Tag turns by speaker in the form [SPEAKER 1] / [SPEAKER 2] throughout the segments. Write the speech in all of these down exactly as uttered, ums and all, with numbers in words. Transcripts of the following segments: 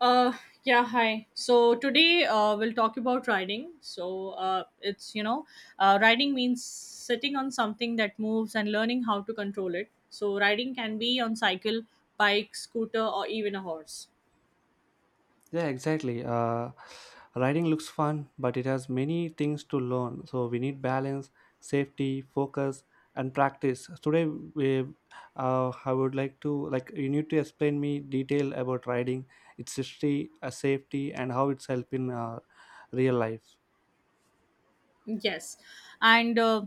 [SPEAKER 1] Uh, yeah, hi. So today uh, we'll talk about riding. So uh, it's, you know, uh, riding means sitting on something that moves and learning how to control it. So riding can be on cycle, bike, scooter, or even a horse.
[SPEAKER 2] Yeah, exactly. Uh, riding looks fun, but it has many things to learn. So we need balance, safety, focus, and practice. So Today, we, uh, I would like to like you need to explain me detail about riding, its history, uh, safety, and how it's helping uh, real life.
[SPEAKER 1] Yes. And uh,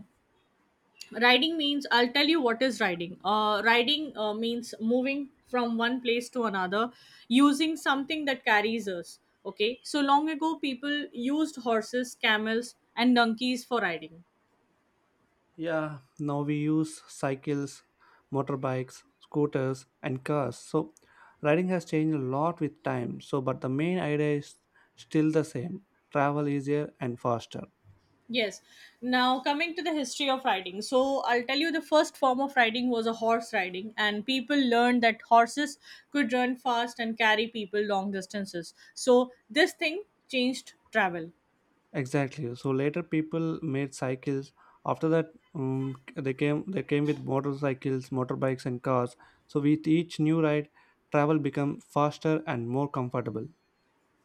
[SPEAKER 1] Riding means, I'll tell you what is riding. Uh, riding uh, means moving from one place to another using something that carries us. Okay. So long ago, people used horses, camels, and donkeys for riding.
[SPEAKER 2] Yeah, now we use cycles, motorbikes, scooters, and cars. So riding has changed a lot with time. So, but the main idea is still the same travel easier and faster.
[SPEAKER 1] Yes. Now, coming to the history of riding. So, I'll tell you the first form of riding was a horse riding, and people learned that horses could run fast and carry people long distances. So, this thing changed travel.
[SPEAKER 2] Exactly. So later people made cycles. After that, um, they came they came with motorcycles, motorbikes, and cars. So with each new ride, travel become faster and more comfortable.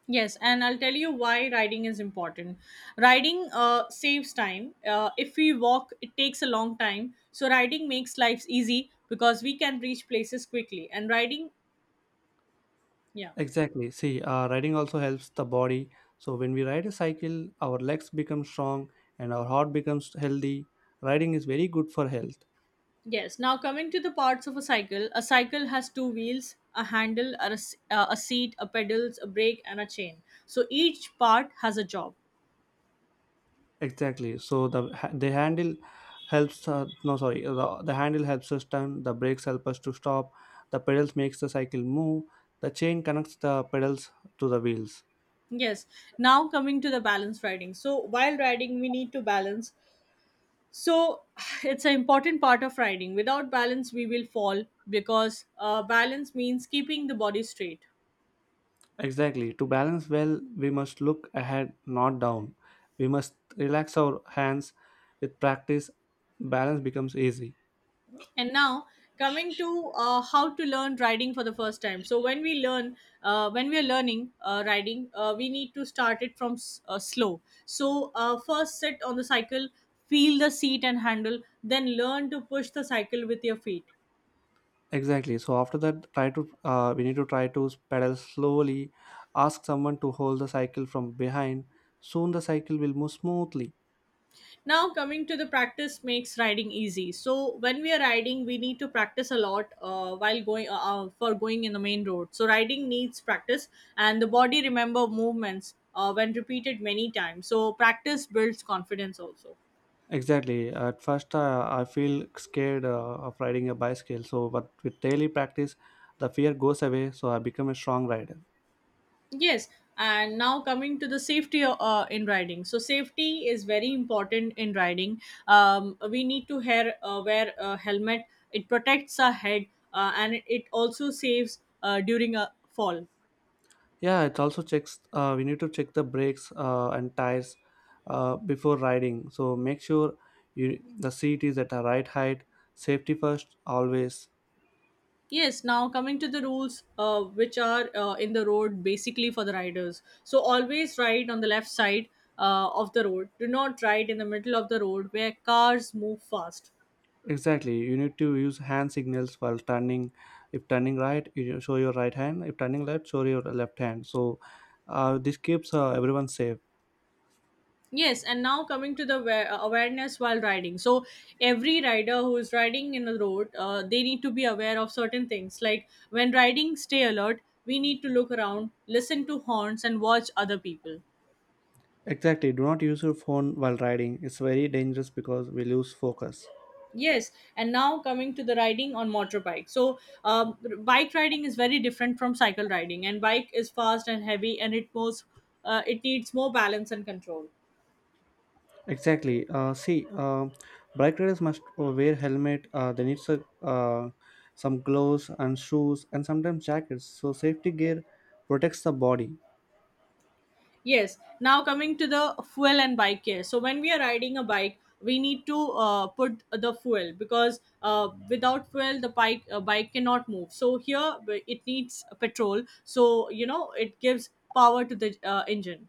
[SPEAKER 1] Yes, and I'll tell you why riding is important. Riding uh, saves time. Uh, if we walk, it takes a long time. So, riding makes lives easy because we can reach places quickly. And riding, yeah.
[SPEAKER 2] Exactly. See, uh, riding also helps the body. So when we ride a cycle, our legs become strong and our heart becomes healthy. Riding is very good for health.
[SPEAKER 1] Yes, now coming to the parts of a cycle, a cycle has two wheels, a handle, a, s- uh, a seat, a pedals, a brake, and a chain. So each part has a job.
[SPEAKER 2] Exactly. So the ha- the handle helps. Uh, no, sorry. uh, The, the handle helps us turn. The brakes help us to stop. The pedals makes the cycle move. The chain connects the pedals to the wheels.
[SPEAKER 1] Yes, now coming to the balance riding. So while riding, we need to balance. So it's an important part of riding. Without balance, we will fall because uh, balance means keeping the body straight.
[SPEAKER 2] Exactly. To balance well, we must look ahead, not down. We must relax our hands. With practice, balance becomes easy.
[SPEAKER 1] And now coming to uh, how to learn riding for the first time. So when we learn, uh, when we are learning uh, riding, uh, we need to start it from s- uh, slow. So uh, first sit on the cycle, feel the seat and handle, then learn to push the cycle with your feet.
[SPEAKER 2] Exactly. So after that, try to uh, we need to try to pedal slowly. Ask someone to hold the cycle from behind. Soon the cycle will move smoothly.
[SPEAKER 1] Now coming to the practice makes riding easy. So when we are riding we need to practice a lot, uh, while going uh, uh, for going in the main road. So riding needs practice and the body remember movements uh, when repeated many times. So practice builds confidence also.
[SPEAKER 2] Exactly. At first, uh, I feel scared uh, of riding a bicycle. So, but with daily practice, the fear goes away. So I become a strong rider.
[SPEAKER 1] Yes, and now coming to the safety uh, in riding. So safety is very important in riding. Um, we need to hair, uh, wear a helmet. It protects our head, uh, and it also saves uh, during a fall.
[SPEAKER 2] Yeah, it also checks. Uh, we need to check the brakes uh, and tires uh, before riding. So make sure you the seat is at a right height. Safety first always.
[SPEAKER 1] Yes, now coming to the rules uh, which are uh, in the road basically for the riders. So always ride on the left side uh, of the road. Do not ride in the middle of the road where cars move fast.
[SPEAKER 2] Exactly, you need to use hand signals while turning. If turning right, you show your right hand. If turning left, show your left hand. So uh, this keeps uh, everyone safe.
[SPEAKER 1] Yes, and now coming to the wa- uh, awareness while riding. So every rider who is riding in the road, uh, they need to be aware of certain things like when riding, stay alert. We need to look around, listen to horns, and watch other people.
[SPEAKER 2] Exactly, do not use your phone while riding. It's very dangerous because we lose focus.
[SPEAKER 1] Yes, and now coming to the riding on motorbike. So, um, bike riding is very different from cycle riding, and bike is fast and heavy, and it most uh, it needs more balance and control.
[SPEAKER 2] Exactly uh, see uh, Bike riders must uh, wear helmet. Uh, they need some, uh, some gloves and shoes and sometimes jackets. So safety gear protects the body.
[SPEAKER 1] Yes, now coming to the fuel and bike care. So, when we are riding a bike, we need to uh, put the fuel because uh, without fuel, the bike uh, bike cannot move. So here it needs petrol. So you know it gives power to the uh, engine.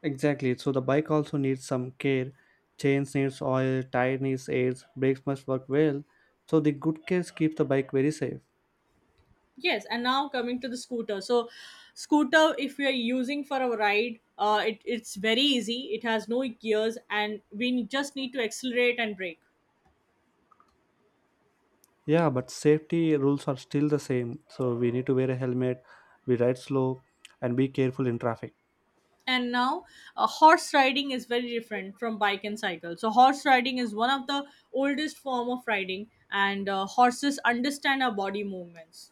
[SPEAKER 2] Exactly. So the bike also needs some care. Chains needs oil, tire needs air, brakes must work well. So the good case keeps the bike very safe.
[SPEAKER 1] Yes, and now coming to the scooter. So, scooter, if you're using for a ride, uh, it, it's very easy. It has no gears, and we just need to accelerate and brake.
[SPEAKER 2] Yeah, but safety rules are still the same. So we need to wear a helmet, we ride slow, and be careful in traffic.
[SPEAKER 1] And now, uh, horse riding is very different from bike and cycle. So, horse riding is one of the oldest form of riding, and uh, horses understand our body movements.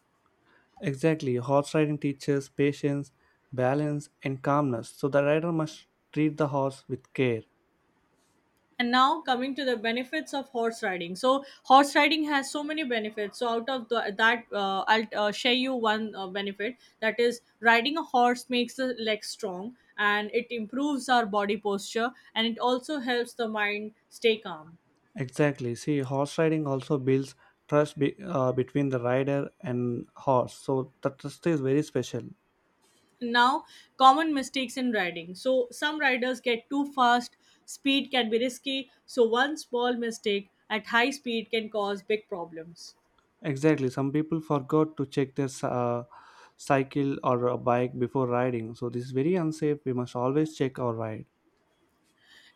[SPEAKER 2] Exactly. Horse riding teaches patience, balance, and calmness. So the rider must treat the horse with care.
[SPEAKER 1] And now coming to the benefits of horse riding. So horse riding has so many benefits. So out of the, that, uh, I'll uh, share you one uh, benefit. That is, riding a horse makes the legs strong, and it improves our body posture, and it also helps the mind stay calm.
[SPEAKER 2] Exactly. See, horse riding also builds trust be, uh, between the rider and horse. So the trust is very special.
[SPEAKER 1] Now, common mistakes in riding. So some riders get too fast. Speed can be risky. So one small mistake at high speed can cause big problems.
[SPEAKER 2] Exactly. Some people forgot to check their uh, cycle or a bike before riding, so this is very unsafe. We must always check our ride.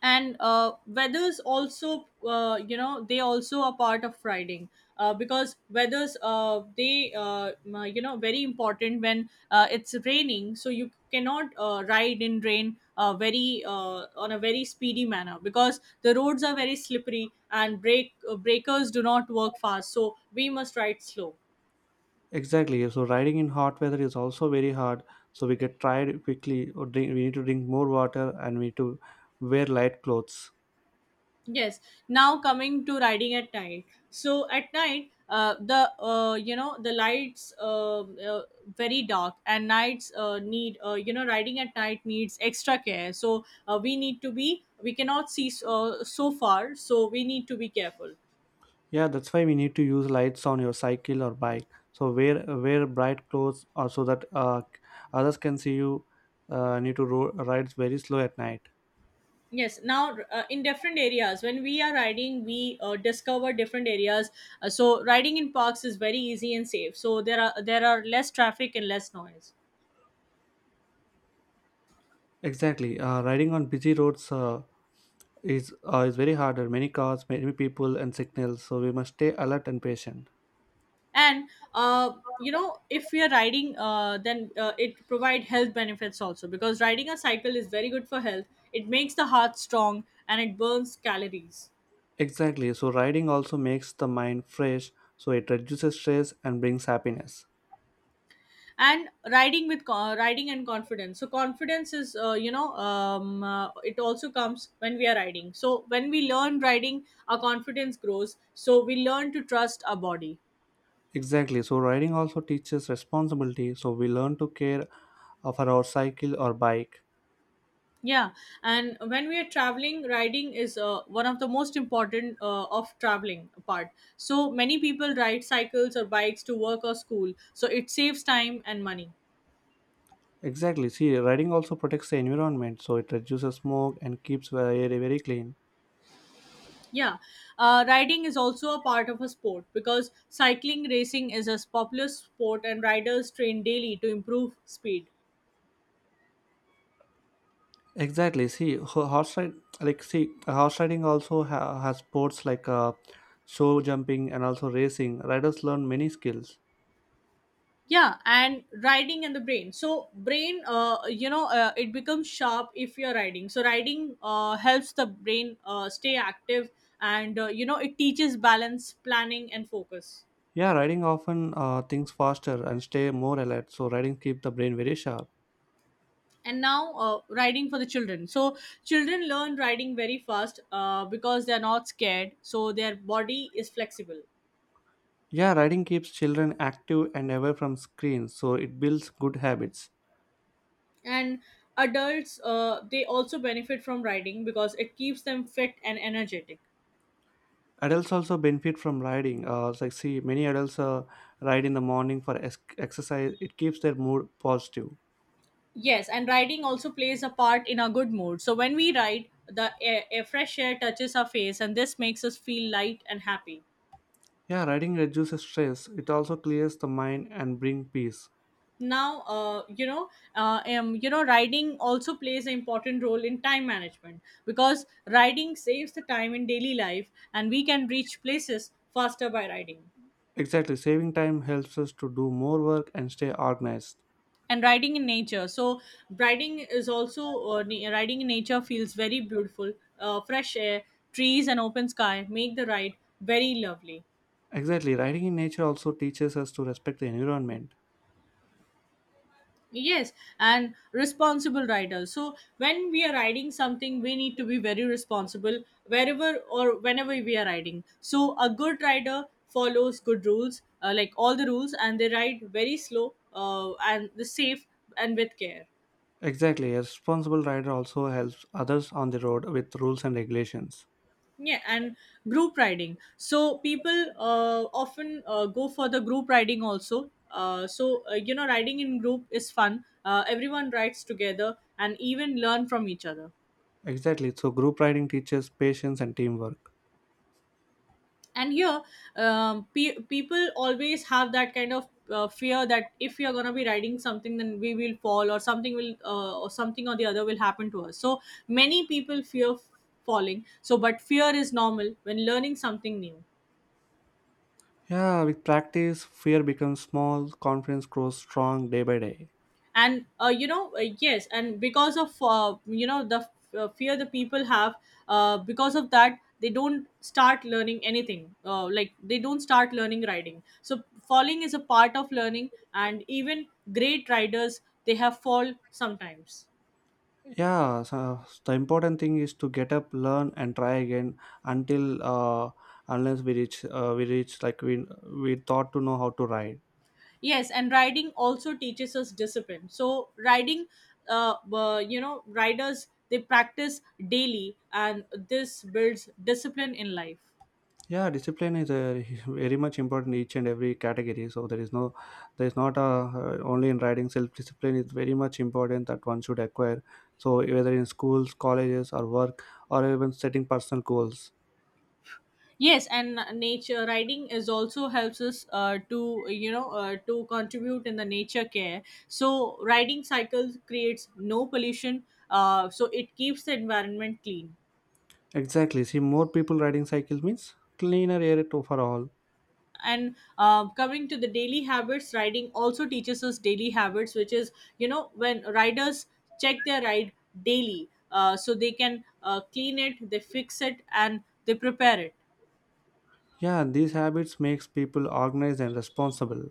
[SPEAKER 1] And uh, weathers also, uh, you know they also are part of riding uh, because weathers, uh, they uh, m- you know very important when uh, it's raining. So you cannot uh, ride in rain, uh, very uh, on a very speedy manner because the roads are very slippery and brake uh, breakers do not work fast, so we must ride slow.
[SPEAKER 2] Exactly. So riding in hot weather is also very hard. So we get tired quickly, or drink, we need to drink more water, and we need to wear light clothes.
[SPEAKER 1] Yes. Now coming to riding at night. So at night, uh, the uh, you know the lights uh, uh, very dark, and nights uh, need uh, you know riding at night needs extra care. So uh, we need to be we cannot see uh, so far, so we need to be careful.
[SPEAKER 2] Yeah, that's why we need to use lights on your cycle or bike. So wear wear bright clothes, or so that uh, others can see you. Uh, need to ro- ride very slow at night.
[SPEAKER 1] Yes. Now uh, in different areas, when we are riding, we uh, discover different areas. Uh, so riding in parks is very easy and safe. So there are there are less traffic and less noise.
[SPEAKER 2] Exactly. Uh, riding on busy roads. Uh, is uh, is very harder. Many cars, many people, and signals. So we must stay alert and patient.
[SPEAKER 1] And uh, you know if we are riding, uh, then uh, it provide health benefits also because riding a cycle is very good for health. It makes the heart strong and it burns calories.
[SPEAKER 2] Exactly. So riding also makes the mind fresh. So it reduces stress and brings happiness.
[SPEAKER 1] And riding with co- riding and confidence. So confidence is, uh, you know, um, uh, it also comes when we are riding. So when we learn riding our confidence grows, so we learn to trust our body.
[SPEAKER 2] Exactly. So riding also teaches responsibility. So we learn to care uh, for our cycle or bike.
[SPEAKER 1] Yeah, and when we are traveling, riding is uh, one of the most important uh, of traveling part. So many people ride cycles or bikes to work or school, so it saves time and money.
[SPEAKER 2] Exactly. See, riding also protects the environment. So it reduces smoke and keeps the air very clean.
[SPEAKER 1] Yeah, uh, riding is also a part of a sport because cycling racing is a popular sport, and riders train daily to improve speed.
[SPEAKER 2] Exactly. See, ho- horse ride, like see, horse riding also ha- has sports like uh, show jumping and also racing. Riders learn many skills.
[SPEAKER 1] Yeah, and riding and the brain. So brain, uh, you know uh, it becomes sharp if you're riding. So riding uh, helps the brain uh, stay active, and uh, you know it teaches balance, planning, and focus.
[SPEAKER 2] Yeah, riding often uh, thinks faster and stay more alert. So riding keeps the brain very sharp.
[SPEAKER 1] And now uh, riding for the children. So children learn riding very fast uh, because they're not scared, so their body is flexible.
[SPEAKER 2] Yeah, riding keeps children active and away from screens. So it builds good habits.
[SPEAKER 1] And adults, uh, they also benefit from riding because it keeps them fit and energetic.
[SPEAKER 2] Adults also benefit from riding. Uh, it's like see, many adults uh, ride in the morning for es- exercise. It keeps their mood positive.
[SPEAKER 1] Yes, and riding also plays a part in our good mood. So when we ride, the air, air fresh air touches our face, and this makes us feel light and happy.
[SPEAKER 2] Yeah, riding reduces stress. It also clears the mind and bring peace.
[SPEAKER 1] Now, uh, you know, uh, um, you know, riding also plays an important role in time management because riding saves the time in daily life, and we can reach places faster by riding.
[SPEAKER 2] Exactly, saving time helps us to do more work and stay organized.
[SPEAKER 1] And riding in nature. So riding is also uh, na- riding in nature feels very beautiful. Uh, fresh air, trees, and open sky make the ride very lovely.
[SPEAKER 2] Exactly, riding in nature also teaches us to respect the environment.
[SPEAKER 1] Yes, and responsible rider. So when we are riding something, we need to be very responsible wherever or whenever we are riding. So a good rider follows good rules, uh, like all the rules, and they ride very slow uh, and the safe and with care.
[SPEAKER 2] Exactly, a responsible rider also helps others on the road with rules and regulations.
[SPEAKER 1] Yeah, and group riding. So people uh, often uh, go for the group riding also. Uh, so uh, you know, riding in group is fun. Uh, everyone rides together and even learn from each other.
[SPEAKER 2] Exactly, so group riding teaches patience and teamwork.
[SPEAKER 1] And here, um, pe- people always have that kind of uh, fear that if we are going to be riding something then we will fall or something will uh, or something or the other will happen to us. So many people fear f- falling. So but fear is normal when learning something new.
[SPEAKER 2] Yeah, with practice, fear becomes small, confidence grows strong day by day.
[SPEAKER 1] And uh, you know uh, yes, and because of, uh, you know the uh, fear the people have, uh, because of that they don't start learning anything, uh, like they don't start learning riding. So falling is a part of learning, and even great riders they have fall sometimes.
[SPEAKER 2] Yeah, so the important thing is to get up, learn and try again, until uh, unless we reach uh, we reach like we we thought to know how to ride.
[SPEAKER 1] Yes, and riding also teaches us discipline. So riding, uh, uh, you know, riders they practice daily, and this builds discipline in life.
[SPEAKER 2] Yeah, discipline is a, very much important in each and every category. So there is no, there is not a, uh, only in riding self discipline is very much important that one should acquire. So whether in schools, colleges or work, or even setting personal goals.
[SPEAKER 1] Yes, and nature riding is also helps us uh, to you know uh, to contribute in the nature care. So riding cycles creates no pollution, uh, so it keeps the environment clean.
[SPEAKER 2] Exactly, see more people riding cycles means cleaner air to for all.
[SPEAKER 1] And uh, coming to the daily habits, riding also teaches us daily habits, which is you know when riders check their ride daily. Uh, so they can uh, clean it, they fix it, and they prepare it.
[SPEAKER 2] Yeah, these habits makes people organized and responsible.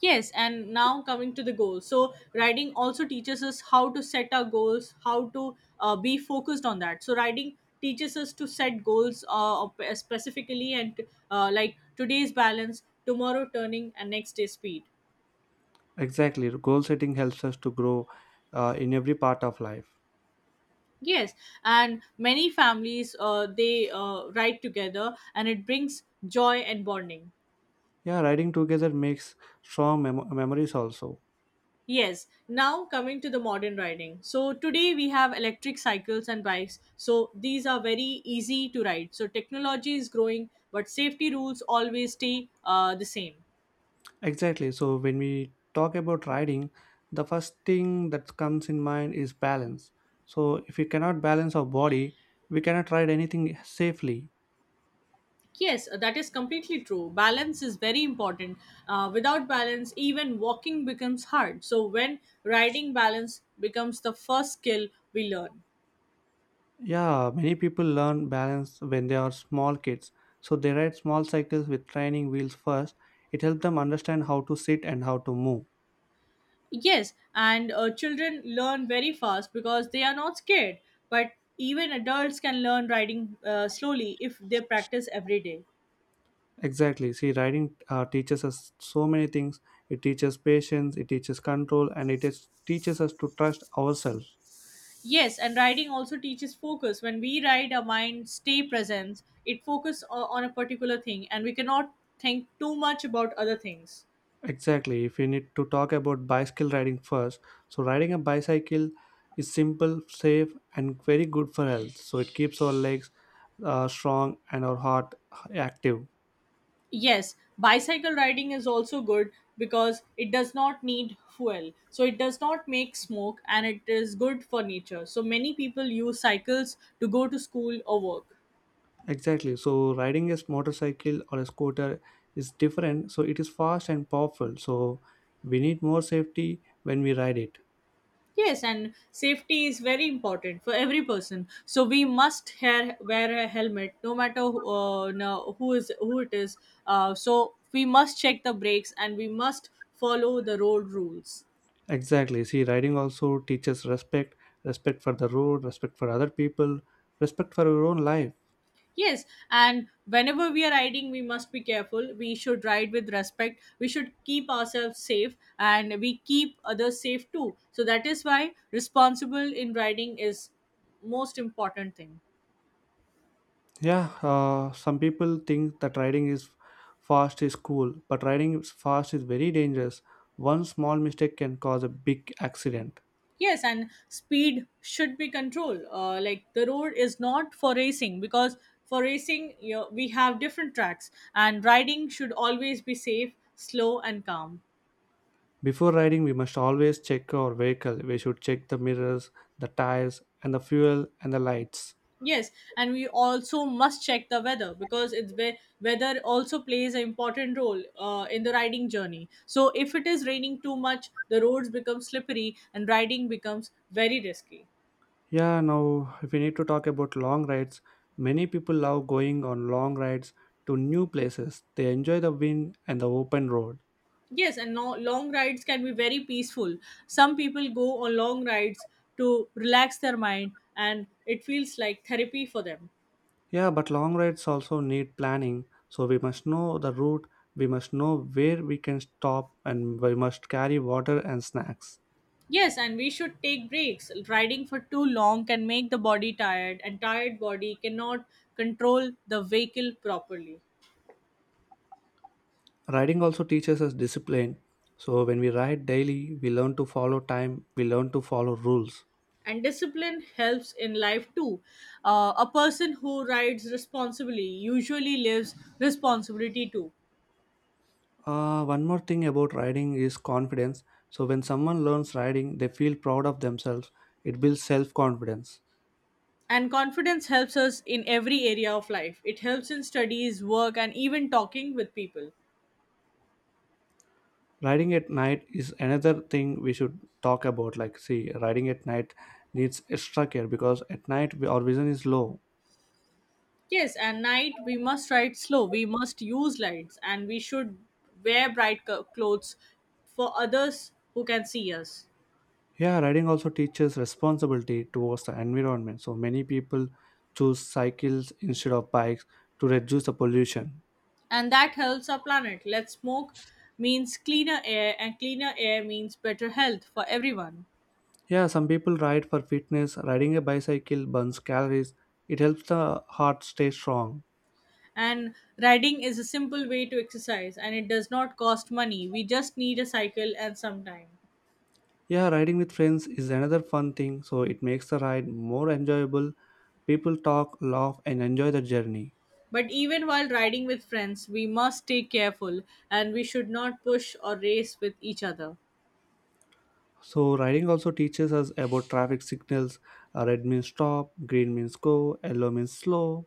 [SPEAKER 1] Yes, and now coming to the goals. So, writing also teaches us how to set our goals, how to uh, be focused on that. So, writing teaches us to set goals uh, of- uh, specifically, and uh, like today's balance, tomorrow turning, and next day speed.
[SPEAKER 2] Exactly, goal setting helps us to grow uh, in every part of life.
[SPEAKER 1] Yes, and many families, uh, they uh, write together, and it brings joy and bonding.
[SPEAKER 2] Yeah, riding together makes strong mem- memories also.
[SPEAKER 1] Yes, now coming to the modern riding. So today we have electric cycles and bikes. So these are very easy to ride. So technology is growing, but safety rules always stay uh, the same.
[SPEAKER 2] Exactly. So when we talk about riding, the first thing that comes in mind is balance. So if we cannot balance our body, we cannot ride anything safely.
[SPEAKER 1] Yes, uh, that is completely true. Balance is very important. Uh, without balance, even walking becomes hard. So when riding balance becomes the first skill we learn.
[SPEAKER 2] Yeah, many people learn balance when they are small kids. So they ride small cycles with training wheels first. It helps them understand how to sit and how to move.
[SPEAKER 1] Yes, and uh, children learn very fast because they are not scared. But even adults can learn riding uh, slowly if they practice every day.
[SPEAKER 2] Exactly. See, riding uh, teaches us so many things. It teaches patience, it teaches control, and it is, teaches us to trust ourselves.
[SPEAKER 1] Yes, and riding also teaches focus. When we ride, our mind stay present. It focus o- on a particular thing, and we cannot think too much about other things.
[SPEAKER 2] Exactly. If we need to talk about bicycle riding first, so riding a bicycle is simple, safe, and very good for health. So it keeps our legs uh, strong and our heart uh, active.
[SPEAKER 1] Yes, bicycle riding is also good because it does not need fuel. So it does not make smoke and it is good for nature. So many people use cycles to go to school or work.
[SPEAKER 2] Exactly. So riding a motorcycle or a scooter is different. So it is fast and powerful. So we need more safety when we ride it.
[SPEAKER 1] Yes, and safety is very important for every person. So we must hair, wear a helmet no matter uh, no, who is who it is. Uh, so we must check the brakes and we must follow the road rules.
[SPEAKER 2] Exactly. See, riding also teaches respect, respect for the road, respect for other people, respect for your own life.
[SPEAKER 1] Yes, and whenever we are riding, we must be careful. We should ride with respect. We should keep ourselves safe and we keep others safe too. So that is why responsible in riding is most important thing.
[SPEAKER 2] Yeah, uh, some people think that riding is fast is cool, but riding is fast is very dangerous. One small mistake can cause a big accident.
[SPEAKER 1] Yes, and speed should be controlled. Uh, like the road is not for racing, because for racing, you know, we have different tracks, and riding should always be safe, slow and calm.
[SPEAKER 2] Before riding, we must always check our vehicle. We should check the mirrors, the tires, and the fuel and the lights.
[SPEAKER 1] Yes, and we also must check the weather because it's where weather also plays an important role uh, in the riding journey. So if it is raining too much, the roads become slippery and riding becomes very risky.
[SPEAKER 2] Yeah, now if we need to talk about long rides, many people love going on long rides to new places. They enjoy the wind and the open road.
[SPEAKER 1] Yes, and no, long rides can be very peaceful. Some people go on long rides to relax their mind, and it feels like therapy for them.
[SPEAKER 2] Yeah, but long rides also need planning. So we must know the route, we must know where we can stop, and we must carry water and snacks.
[SPEAKER 1] Yes, and we should take breaks. Riding for too long can make the body tired, and tired body cannot control the vehicle properly.
[SPEAKER 2] Riding also teaches us discipline. So when we ride daily, we learn to follow time, we learn to follow rules.
[SPEAKER 1] And discipline helps in life too. Uh, a person who rides responsibly usually lives responsibility too.
[SPEAKER 2] Uh, one more thing about riding is confidence. So when someone learns riding, they feel proud of themselves. It builds self confidence.
[SPEAKER 1] And confidence helps us in every area of life. It helps in studies, work, and even talking with people.
[SPEAKER 2] Riding at night is another thing we should talk about. Like, see, riding at night needs extra care because at night we, our vision is low.
[SPEAKER 1] Yes, and night we must ride slow. We must use lights, and we should wear bright co- clothes for others who can see us.
[SPEAKER 2] Yeah, riding also teaches responsibility towards the environment. So many people choose cycles instead of bikes to reduce the pollution.
[SPEAKER 1] And that helps our planet. Let's smoke means cleaner air, and cleaner air means better health for everyone.
[SPEAKER 2] Yeah, some people ride for fitness. Riding a bicycle burns calories. It helps the heart stay strong.
[SPEAKER 1] And riding is a simple way to exercise, and it does not cost money. We just need a cycle and some time.
[SPEAKER 2] Yeah, riding with friends is another fun thing. So it makes the ride more enjoyable. People talk, laugh, and enjoy the journey.
[SPEAKER 1] But even while riding with friends, we must stay careful, and we should not push or race with each other.
[SPEAKER 2] So riding also teaches us about traffic signals. Uh, Red means stop, green means go, yellow means slow.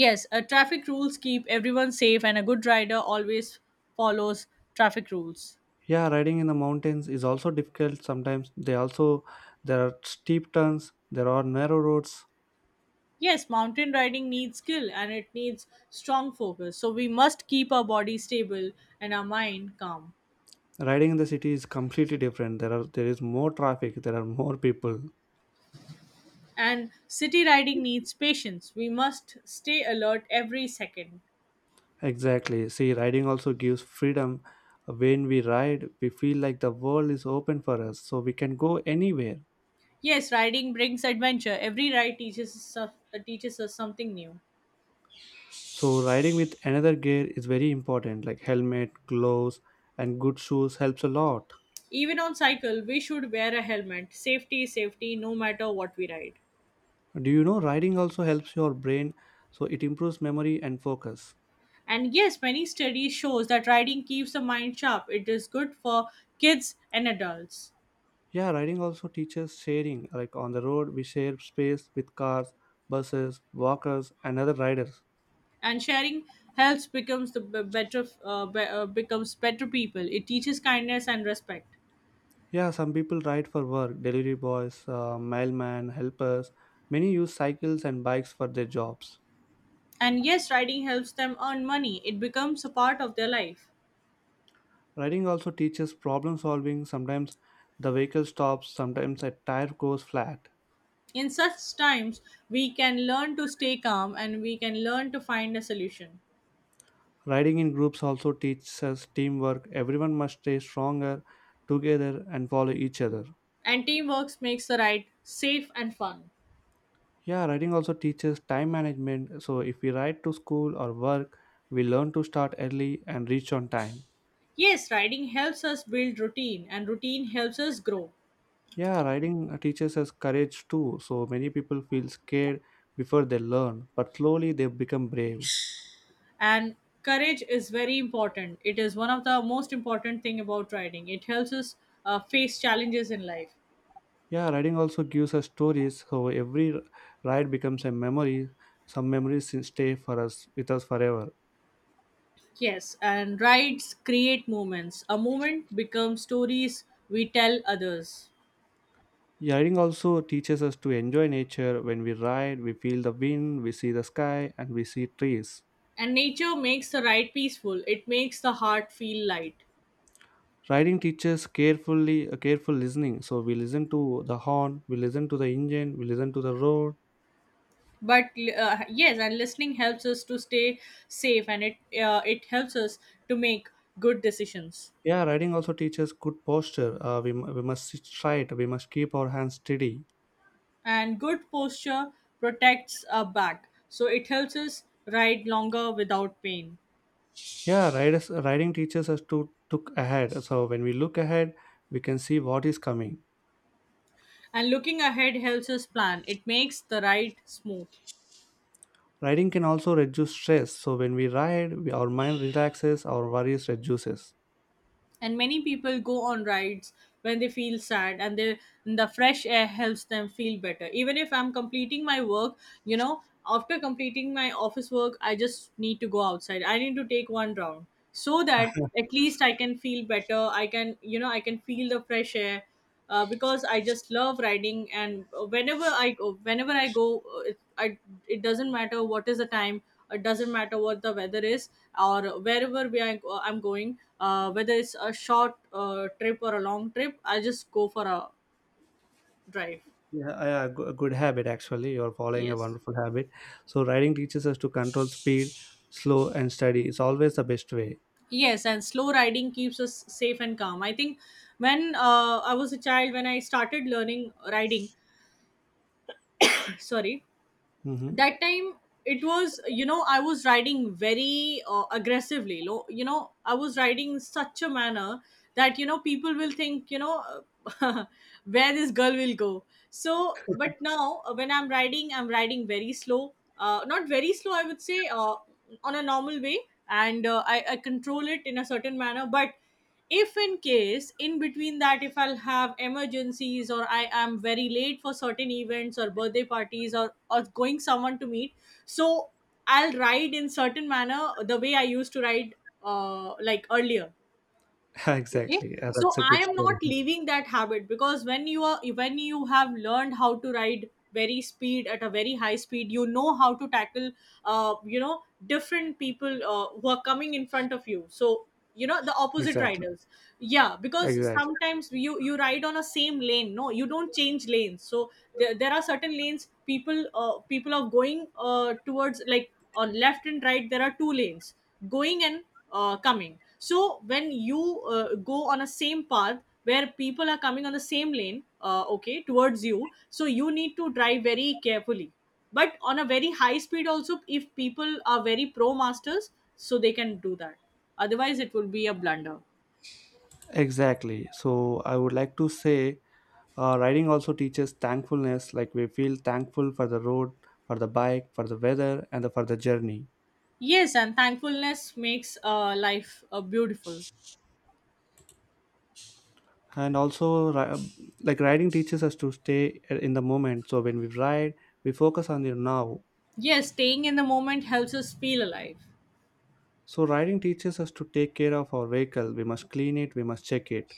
[SPEAKER 1] Yes, uh, traffic rules keep everyone safe, and a good rider always follows traffic rules.
[SPEAKER 2] Yeah, riding in the mountains is also difficult sometimes. They also, there are steep turns, there are narrow roads.
[SPEAKER 1] Yes, mountain riding needs skill and it needs strong focus, so we must keep our body stable and our mind calm.
[SPEAKER 2] Riding in the city is completely different. There are there is more traffic, there are more people.
[SPEAKER 1] And city riding needs patience. We must stay alert every second.
[SPEAKER 2] Exactly, see riding also gives freedom. When we ride we feel like the world is open for us, so we can go anywhere.
[SPEAKER 1] Yes, riding brings adventure. Every ride teaches us, some- uh, teaches us something new.
[SPEAKER 2] So riding with another gear is very important, like helmet, gloves and good shoes helps a lot.
[SPEAKER 1] Even on cycle, we should wear a helmet. Safety, is safety, no matter what we ride.
[SPEAKER 2] Do you know riding also helps your brain? So it improves memory and focus.
[SPEAKER 1] And yes, many studies shows that riding keeps the mind sharp. It is good for kids and adults.
[SPEAKER 2] Yeah, riding also teaches sharing. Like on the road, we share space with cars, buses, walkers, and other riders.
[SPEAKER 1] And sharing helps becomes the b- better uh, be- uh, becomes better people. It teaches kindness and respect.
[SPEAKER 2] Yeah, some people ride for work, delivery boys, uh, mailman, helpers. Many use cycles and bikes for their jobs.
[SPEAKER 1] And yes, writing helps them earn money. It becomes a part of their life.
[SPEAKER 2] Riding also teaches problem solving. Sometimes the vehicle stops, sometimes a tire goes flat.
[SPEAKER 1] In such times, we can learn to stay calm, and we can learn to find a solution.
[SPEAKER 2] Riding in groups also teaches us teamwork. Everyone must stay stronger together and follow each other.
[SPEAKER 1] And teamwork makes the ride safe and fun.
[SPEAKER 2] Yeah, writing also teaches time management. So if we write to school or work, we learn to start early and reach on time.
[SPEAKER 1] Yes, riding helps us build routine, and routine helps us grow.
[SPEAKER 2] Yeah, writing teaches us courage too. So many people feel scared before they learn, but slowly they become brave.
[SPEAKER 1] And courage is very important. It is one of the most important thing about riding. It helps us uh, face challenges in life.
[SPEAKER 2] Yeah, writing also gives us stories. So every ride becomes a memory. Some memories stay for us with us forever.
[SPEAKER 1] Yes, and rides create moments. A moment becomes stories we tell others.
[SPEAKER 2] Yeah, Writing also teaches us to enjoy nature. When we ride, we feel the wind, we see the sky, and we see trees.
[SPEAKER 1] And nature makes the ride peaceful. It makes the heart feel light.
[SPEAKER 2] Riding teaches carefully a careful listening, so we listen to the horn, we listen to the engine, we listen to the road.
[SPEAKER 1] But uh, yes, and listening helps us to stay safe, and it uh, it helps us to make good decisions.
[SPEAKER 2] Yeah, riding also teaches good posture. Uh, we, mu- we must sit straight, we must keep our hands steady.
[SPEAKER 1] And good posture protects our back, so it helps us ride longer without pain.
[SPEAKER 2] Yeah, riders, riding teaches us to look ahead, so when we look ahead we can see what is coming.
[SPEAKER 1] And looking ahead helps us plan. It makes the ride smooth.
[SPEAKER 2] Riding can also reduce stress, so when we ride we, our mind relaxes, our worries reduces.
[SPEAKER 1] And many people go on rides when they feel sad, and they the fresh air helps them feel better. Even if I'm completing my work, you know after completing my office work, I just need to go outside. I need to take one round so that at least I can feel better. I can, you know I can feel the fresh air uh, because I just love riding. And whenever I go whenever I go, uh, it, I, it doesn't matter what is the time, it doesn't matter what the weather is, or wherever we are. I'm going, uh, whether it's a short uh, trip or a long trip. I just go for a drive.
[SPEAKER 2] Yeah, yeah, go- a good habit actually. You're following a
[SPEAKER 1] Yes,
[SPEAKER 2] wonderful habit. So riding teaches us to control speed, slow and steady. It's always the best way.
[SPEAKER 1] yes, and slow riding keeps us safe and calm. I think when uh, I was a child, when I started learning riding sorry,
[SPEAKER 2] Hmm.
[SPEAKER 1] that time, it was, you know I was riding very uh, aggressively. Lo- you know, I was riding in such a manner that, you know people will think, you know where this girl will go. So but now, uh, when I'm riding, I'm riding very slow. Uh, not very slow I would say, uh, on a normal way. And uh, I, I control it in a certain manner. But if in case, in between that, if I'll have emergencies, or I am very late for certain events or birthday parties, or or going someone to meet, so I'll ride in certain manner, the way I used to ride, uh, like earlier. Okay,
[SPEAKER 2] Exactly. Yeah,
[SPEAKER 1] so
[SPEAKER 2] that's a
[SPEAKER 1] I
[SPEAKER 2] good
[SPEAKER 1] am
[SPEAKER 2] story.
[SPEAKER 1] not leaving that habit, because when you are when you have learned how to ride very speed at a very high speed, you know how to tackle, uh, you know, different people uh, who are coming in front of you. So you know the opposite
[SPEAKER 2] Exactly.
[SPEAKER 1] riders. Yeah, because
[SPEAKER 2] Exactly.
[SPEAKER 1] sometimes you you ride on a same lane. No, you don't change lanes, so there, there are certain lanes. People uh, people are going uh, towards, like on left and right there are two lanes going, and uh, coming. So when you uh, go on a same path where people are coming on the same lane, uh, okay, towards you, so you need to drive very carefully. But on a very high speed also, if people are very pro masters, so they can do that. Otherwise it will be a blunder.
[SPEAKER 2] Exactly. So I would like to say, uh, riding also teaches thankfulness. Like, we feel thankful for the road, for the bike, for the weather, and the, for the journey.
[SPEAKER 1] Yes, and thankfulness makes uh, life uh, beautiful.
[SPEAKER 2] And also, ri- um, like riding teaches us to stay uh, in the moment. So when we ride, we focus on the now.
[SPEAKER 1] Yes, staying in the moment helps us feel alive.
[SPEAKER 2] So riding teaches us to take care of our vehicle. We must clean it. We must check it.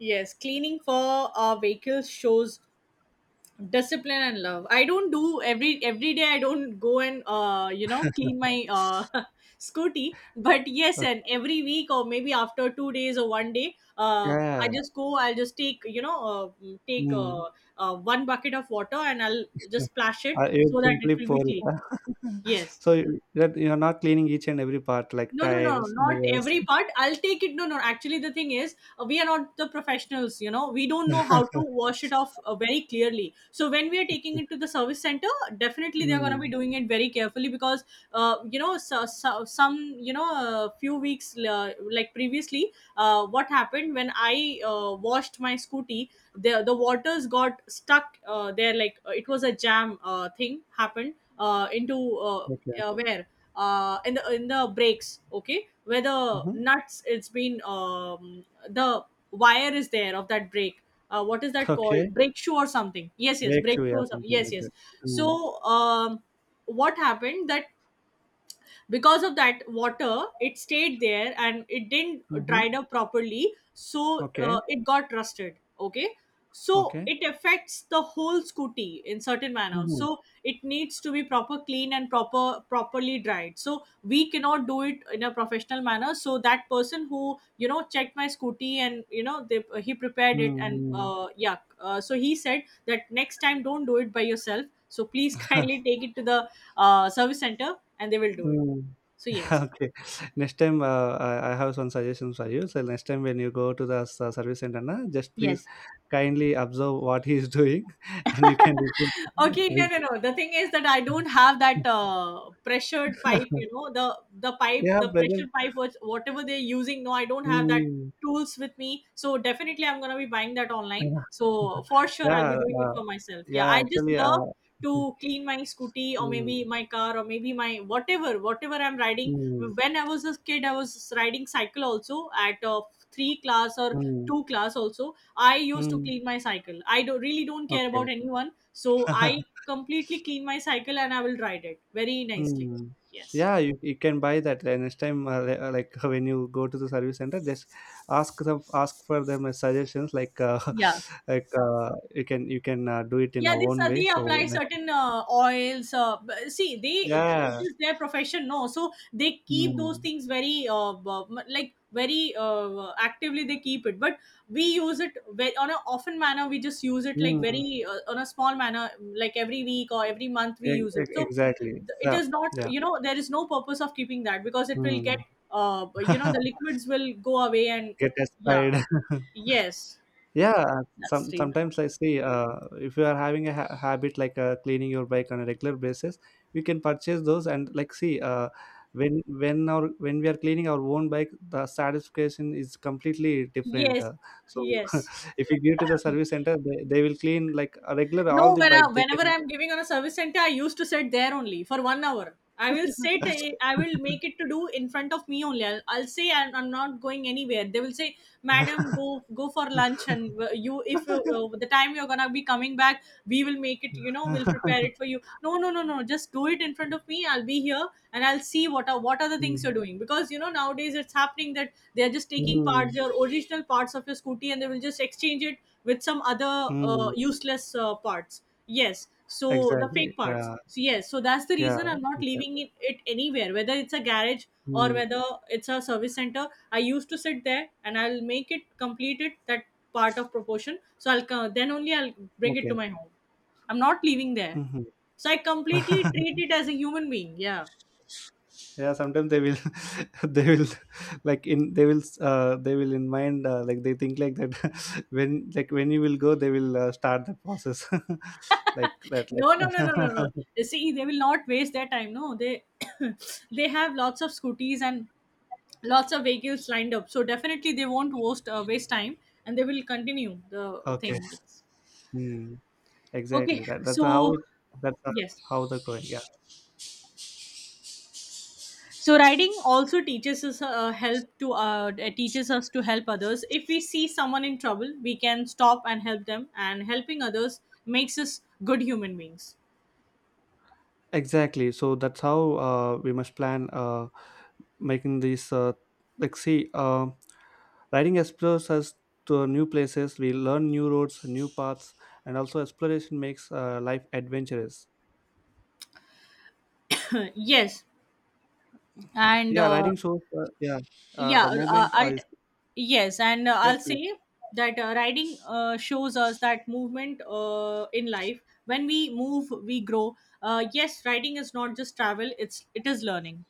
[SPEAKER 1] Yes, cleaning for our vehicles shows discipline and love. I don't do every every day. I don't go and uh you know clean my uh scooty. But yes,
[SPEAKER 2] Okay.
[SPEAKER 1] and every week or maybe after two days or one day uh I
[SPEAKER 2] Yeah.
[SPEAKER 1] just go. I'll just take, you know uh, mm, take
[SPEAKER 2] Mm.
[SPEAKER 1] uh, uh one bucket of water, and I'll just splash it
[SPEAKER 2] I it would
[SPEAKER 1] so that it
[SPEAKER 2] simply
[SPEAKER 1] will be
[SPEAKER 2] pour
[SPEAKER 1] clean.
[SPEAKER 2] it.
[SPEAKER 1] Yes.
[SPEAKER 2] So you- that you are not cleaning each and every part, like
[SPEAKER 1] No, no, no,
[SPEAKER 2] tires,
[SPEAKER 1] not
[SPEAKER 2] mirrors.
[SPEAKER 1] every part. I'll take it. No, no. Actually, the thing is, uh, we are not the professionals. You know, we don't know how to wash it off uh, very clearly. So when we are taking it to the service center, definitely they are going to
[SPEAKER 2] Mm.
[SPEAKER 1] be doing it very carefully because, uh, you know, so, so, some, you know, uh, few weeks uh, like previously, uh, what happened when I uh, washed my scooty, the the waters got stuck uh, there. Like uh, it was a jam uh, thing happened uh, into uh,
[SPEAKER 2] Okay.
[SPEAKER 1] uh, where, uh, in the in the brakes, okay, where the
[SPEAKER 2] Hmm.
[SPEAKER 1] nuts it's been um, the wire is there of that brake. Uh, what is that called,
[SPEAKER 2] Okay.
[SPEAKER 1] brake shoe or something? Yes, yes,
[SPEAKER 2] Brake
[SPEAKER 1] brake
[SPEAKER 2] shoe,
[SPEAKER 1] shoe
[SPEAKER 2] yeah,
[SPEAKER 1] or something.
[SPEAKER 2] something
[SPEAKER 1] Yes,
[SPEAKER 2] like that.
[SPEAKER 1] yes.
[SPEAKER 2] Mm.
[SPEAKER 1] So um, what happened that because of that water it stayed there and it didn't
[SPEAKER 2] Mm-hmm.
[SPEAKER 1] dried up properly, so
[SPEAKER 2] Okay.
[SPEAKER 1] uh, it got rusted, okay. So
[SPEAKER 2] Okay.
[SPEAKER 1] it affects the whole scooty in certain manner,
[SPEAKER 2] Mm-hmm.
[SPEAKER 1] so it needs to be proper clean and proper properly dried. So we cannot do it in a professional manner. So that person who, you know, checked my scooty, and, you know, they, he prepared it, and uh, yeah, uh, so he said that next time don't do it by yourself, so please
[SPEAKER 2] Mm-hmm.
[SPEAKER 1] kindly take it to the uh, service center and they will do it. So yes.
[SPEAKER 2] Okay. Next time, uh, I, I have some suggestions for you. So next time when you go to the s- uh, service center, na, just please
[SPEAKER 1] Yes.
[SPEAKER 2] kindly observe what he is doing, and you can repeat.
[SPEAKER 1] Okay, no,
[SPEAKER 2] Repeat.
[SPEAKER 1] no, no. The thing is that I don't have that uh, pressured pipe. You know, the the pipe,
[SPEAKER 2] Yeah,
[SPEAKER 1] the
[SPEAKER 2] brother.
[SPEAKER 1] pressure pipe, was whatever they're using. No, I don't have that
[SPEAKER 2] Mm.
[SPEAKER 1] tools with me. So definitely, I'm gonna be buying that online.
[SPEAKER 2] Yeah,
[SPEAKER 1] So for sure, I'll be
[SPEAKER 2] yeah,
[SPEAKER 1] doing it
[SPEAKER 2] uh,
[SPEAKER 1] for myself. Yeah,
[SPEAKER 2] yeah.
[SPEAKER 1] I just
[SPEAKER 2] Actually, uh,
[SPEAKER 1] love to clean my scooty, or
[SPEAKER 2] mm,
[SPEAKER 1] maybe my car, or maybe my whatever whatever I'm riding.
[SPEAKER 2] mm,
[SPEAKER 1] When I was a kid, I was riding cycle also at uh, three class, or
[SPEAKER 2] mm,
[SPEAKER 1] two class also. I used to
[SPEAKER 2] mm.
[SPEAKER 1] clean my cycle. I do, really don't care
[SPEAKER 2] Okay.
[SPEAKER 1] about anyone, so I completely clean my cycle and I will ride it very nicely.
[SPEAKER 2] Mm.
[SPEAKER 1] Yes.
[SPEAKER 2] Yeah, you, you can buy that uh, next time. Uh, li- uh, like when you go to the service center, just ask them, ask for them as suggestions. Like, uh,
[SPEAKER 1] Yeah,
[SPEAKER 2] like uh, you can you can uh, do it in
[SPEAKER 1] yeah, they
[SPEAKER 2] your own
[SPEAKER 1] sa-
[SPEAKER 2] way.
[SPEAKER 1] they
[SPEAKER 2] So
[SPEAKER 1] apply
[SPEAKER 2] next,
[SPEAKER 1] certain uh, oils, uh, b- see, they it
[SPEAKER 2] yeah,
[SPEAKER 1] is their profession, no, so they keep those
[SPEAKER 2] mm.
[SPEAKER 1] things very, uh, b- m- like very uh, actively they keep it. But we use it very, on a often manner, we just use it like
[SPEAKER 2] Mm.
[SPEAKER 1] very, uh, on a small manner, like every week or every month we
[SPEAKER 2] E-
[SPEAKER 1] use it.
[SPEAKER 2] e-
[SPEAKER 1] So
[SPEAKER 2] exactly.
[SPEAKER 1] th- it
[SPEAKER 2] So
[SPEAKER 1] is not,
[SPEAKER 2] yeah,
[SPEAKER 1] you know, there is no purpose of keeping that, because it will get,
[SPEAKER 2] mm.
[SPEAKER 1] uh, you know, the liquids will go away. And
[SPEAKER 2] Get
[SPEAKER 1] yeah,
[SPEAKER 2] inspired.
[SPEAKER 1] yes,
[SPEAKER 2] Yeah,
[SPEAKER 1] that's
[SPEAKER 2] some
[SPEAKER 1] the reason.
[SPEAKER 2] sometimes I see, uh, if you are having a ha- habit like uh, cleaning your bike on a regular basis, you can purchase those and like see, uh, when when our when we are cleaning our own bike, the satisfaction is completely different. Uh,
[SPEAKER 1] Yes,
[SPEAKER 2] so
[SPEAKER 1] yes.
[SPEAKER 2] if you give to the service center, they, they will clean like a regular all
[SPEAKER 1] No,
[SPEAKER 2] the
[SPEAKER 1] when I,
[SPEAKER 2] bikes. They
[SPEAKER 1] whenever
[SPEAKER 2] can.
[SPEAKER 1] I'm giving on a service center, I used to sit there only for one hour. I will sit, eh, I will make it to do in front of me only. I'll, I'll say I'm, I'm not going anywhere. They will say, "Madam, go go for lunch, and uh, you, if you, uh, the time you're gonna be coming back, we will make it. You know, we'll prepare it for you." No, no, no, no. Just do it in front of me. I'll be here, and I'll see what are what are the things
[SPEAKER 2] Mm,
[SPEAKER 1] you're doing. Because, you know, nowadays it's happening that they are just taking parts,
[SPEAKER 2] mm,
[SPEAKER 1] your original parts of your scooty, and they will just exchange it with some other uh,
[SPEAKER 2] mm.
[SPEAKER 1] useless uh, parts. Yes, so the
[SPEAKER 2] Exactly.
[SPEAKER 1] fake parts.
[SPEAKER 2] Yeah.
[SPEAKER 1] So yes, so that's the
[SPEAKER 2] Yeah.
[SPEAKER 1] reason I'm not leaving
[SPEAKER 2] Exactly.
[SPEAKER 1] it, it anywhere, whether it's a garage or
[SPEAKER 2] Mm.
[SPEAKER 1] whether it's a service center. I used to sit there and I'll make it complete it, that part of proportion. So i'll co- then only I'll bring it to
[SPEAKER 2] Okay.
[SPEAKER 1] my home. I'm not leaving there.
[SPEAKER 2] Mhm.
[SPEAKER 1] So I completely treat it as a human being. Yeah.
[SPEAKER 2] Yeah, sometimes they will, they will, like in they will, uh, they will in mind, uh, like they think like that. When like when you will go, they will uh, start the process, like that. Like
[SPEAKER 1] No, no, no, no, no, no. See, they will not waste their time, no, they they have lots of scooties and lots of vehicles lined up. So definitely they won't waste, uh, waste time, and they will continue the
[SPEAKER 2] okay.
[SPEAKER 1] thing. Yes.
[SPEAKER 2] Hmm.
[SPEAKER 1] Okay.
[SPEAKER 2] Exactly. That that's how
[SPEAKER 1] So
[SPEAKER 2] it. That's how
[SPEAKER 1] yes.
[SPEAKER 2] how the going.
[SPEAKER 1] So riding also teaches us, uh, help to uh, teaches us to help others. If we see someone in trouble, we can stop and help them. And helping others makes us good human beings.
[SPEAKER 2] Exactly. So that's how uh, we must plan uh, making these. Uh, like, see, uh, riding explores us to new places. We learn new roads, new paths, and also exploration makes uh, life adventurous.
[SPEAKER 1] Yes. And
[SPEAKER 2] Yeah,
[SPEAKER 1] uh,
[SPEAKER 2] riding shows. Uh, yeah, uh,
[SPEAKER 1] yeah,
[SPEAKER 2] the
[SPEAKER 1] uh, uh,
[SPEAKER 2] moment uh,
[SPEAKER 1] I'll, yes, and uh,
[SPEAKER 2] is.
[SPEAKER 1] I'll say that, uh, riding uh, shows us that movement uh, in life. When we move, we grow. Uh, yes, riding is not just travel, it's it is learning.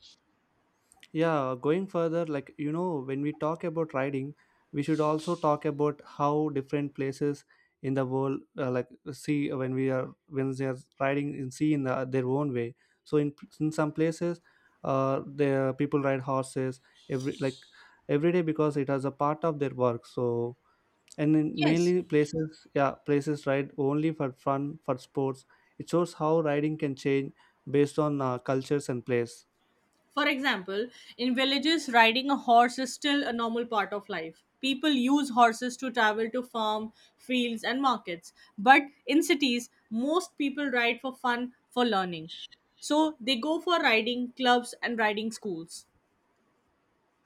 [SPEAKER 2] Yeah, going further, like you know, when we talk about riding, we should also talk about how different places in the world, uh, like see when we are when they are riding in sea in the, their own way. So in in some places, uh, the people ride horses every like every day because it is a part of their work. So and in
[SPEAKER 1] Yes,
[SPEAKER 2] mainly places, yeah, places ride only for fun for sports. It shows how riding can change based on uh, cultures and place.
[SPEAKER 1] for example, in villages, riding a horse is still a normal part of life. People use horses to travel to farm fields and markets. But in cities, most people ride for fun, for learning, so they go for riding clubs and riding schools.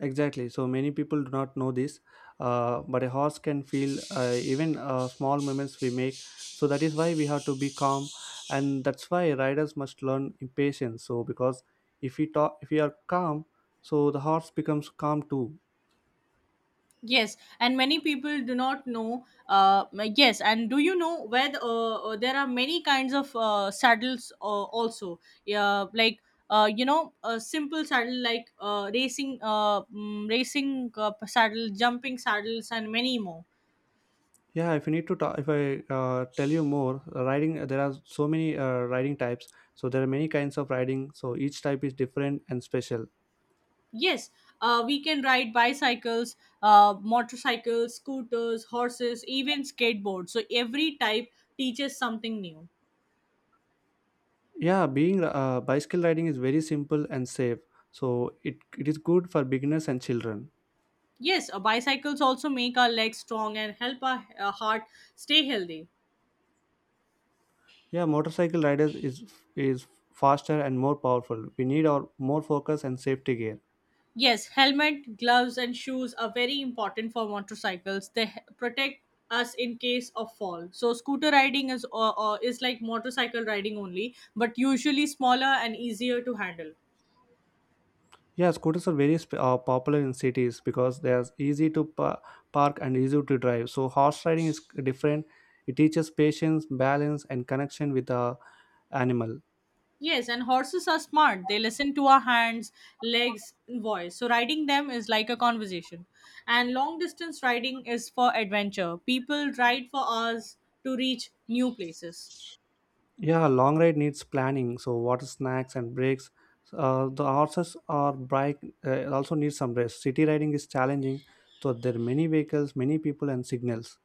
[SPEAKER 2] Exactly. So many people do not know this, uh, but a horse can feel uh, even uh, small movements we make. So that is why we have to be calm, and that's why riders must learn impatience. So because if we talk, if we are calm, so the horse becomes calm too.
[SPEAKER 1] Yes, and many people do not know. Uh, m- yes, and do you know where the, uh, uh, there are many kinds of uh, saddles uh, also? Yeah, like, uh, you know, a simple saddle, like uh, racing, uh, mm, racing uh, saddle, jumping saddles, and many more.
[SPEAKER 2] Yeah. If you need to talk, if I uh, tell you more, uh, riding, there are so many uh, riding types. So there are many kinds of riding. So each type is different and special.
[SPEAKER 1] Yes, uh, we can ride bicycles, uh, motorcycles, scooters, horses, even skateboards. So every type teaches something new.
[SPEAKER 2] Yeah, being uh, bicycle riding is very simple and safe, so it, it is good for beginners and children.
[SPEAKER 1] Yes, uh, bicycles also make our legs strong and help our uh, heart stay healthy.
[SPEAKER 2] Yeah, motorcycle riders is is faster and more powerful. We need our more focus and safety gear.
[SPEAKER 1] Yes, helmet, gloves, and shoes are very important for motorcycles. They h- protect us in case of fall. So, scooter riding is uh, uh, is like motorcycle riding only, but usually smaller and easier to handle.
[SPEAKER 2] Yeah, scooters are very sp- uh, popular in cities because they are easy to pa- park and easy to drive. So horse riding is different. It teaches patience, balance, and connection with a animal.
[SPEAKER 1] Yes, and horses are smart. They listen to our hands, legs, and voice. So riding them is like a conversation. And long distance riding is for adventure. People ride for hours to reach new places.
[SPEAKER 2] Yeah, long ride needs planning. So water, snacks, and breaks. Uh, the horses or bike uh, also need some rest. City riding is challenging, so there are many vehicles, many people, and signals.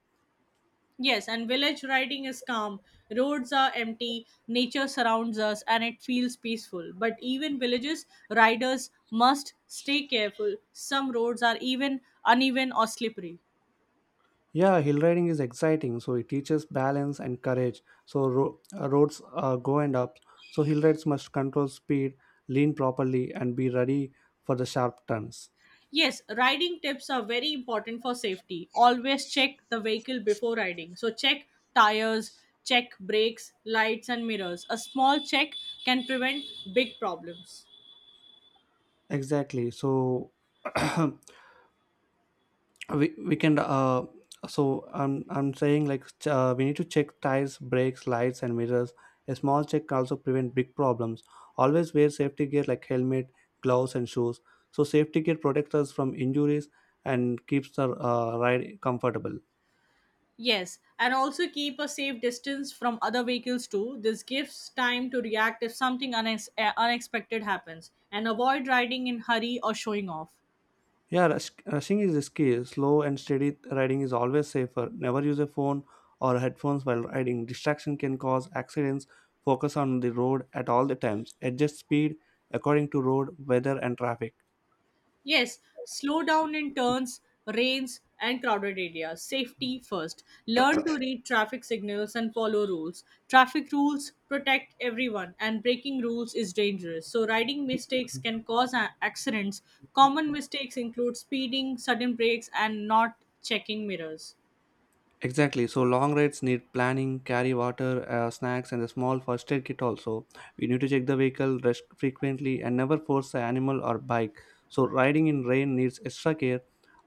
[SPEAKER 1] Yes, and village riding is calm. Roads are empty, nature surrounds us, and it feels peaceful. But even villages, riders must stay careful. Some roads are even uneven or slippery.
[SPEAKER 2] Yeah, hill riding is exciting. So it teaches balance and courage. So ro- uh, roads uh, go and up. So hill rides must control speed, lean properly, and be ready for the sharp turns.
[SPEAKER 1] Yes, riding tips are very important for safety. Always check the vehicle before riding. So, check tires, check brakes, lights, and mirrors. A small check can prevent big problems.
[SPEAKER 2] Exactly. So we, we can uh so i'm i'm saying like ch- uh, we need to check tires, brakes, lights, and mirrors. A small check can also prevent big problems. Always wear safety gear like helmet, gloves, and shoes. So safety gear protects us from injuries and keeps the uh, ride comfortable.
[SPEAKER 1] Yes, and also keep a safe distance from other vehicles too. This gives time to react if something unex- uh, unexpected happens, and avoid riding in hurry or showing off.
[SPEAKER 2] Yeah, rush, rushing is risky. Slow and steady riding is always safer. Never use a phone or headphones while riding. Distraction can cause accidents. Focus on the road at all the times. Adjust speed according to road, weather, and traffic.
[SPEAKER 1] Yes, slow down in turns, rains, and crowded areas. Safety first. Learn to read traffic signals and follow rules. Traffic rules protect everyone, and breaking rules is dangerous. So, riding mistakes can cause a- accidents. Common mistakes include speeding, sudden brakes, and not checking mirrors.
[SPEAKER 2] Exactly. So long rides need planning, carry water, uh, snacks, and a small first aid kit. Also, we need to check the vehicle rest frequently and never force the animal or bike. So riding in rain needs extra care.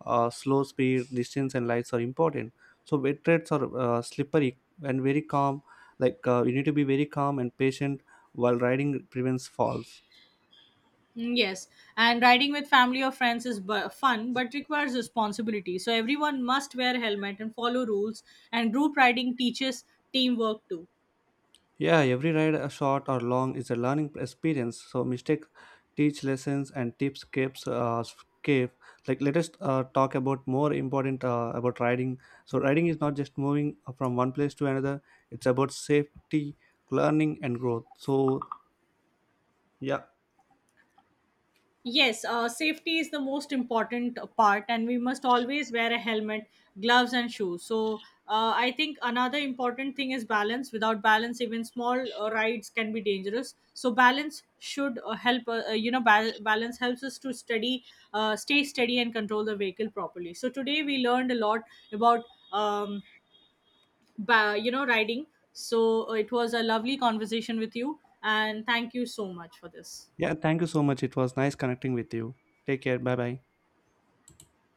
[SPEAKER 2] Uh, slow speed, distance, and lights are important. So wet trails are uh, slippery and very calm. Like uh, you need to be very calm and patient while riding prevents falls.
[SPEAKER 1] Mm, yes, and riding with family or friends is bu- fun, but requires responsibility. So everyone must wear helmet and follow rules. And group riding teaches teamwork too.
[SPEAKER 2] Yeah, every ride, uh, short or long, is a learning experience. So mistake, teach lessons and tips keeps uh, escape. Like, let us uh, talk about more important uh, about riding. So riding is not just moving uh, from one place to another. It's about safety, learning, and growth. So yeah,
[SPEAKER 1] Yes, uh, safety is the most important part, and we must always wear a helmet, gloves, and shoes. So, uh, I think another important thing is balance. Without balance, even small uh, rides can be dangerous. So, balance should uh, help. Uh, uh, you know, bal- balance helps us to steady, uh, stay steady, and control the vehicle properly. So, today we learned a lot about, um, ba- you know, riding. So, uh, it was a lovely conversation with you, and thank you so much for this.
[SPEAKER 2] yeah. Thank you so much. It was nice connecting with you. Take care. Bye bye.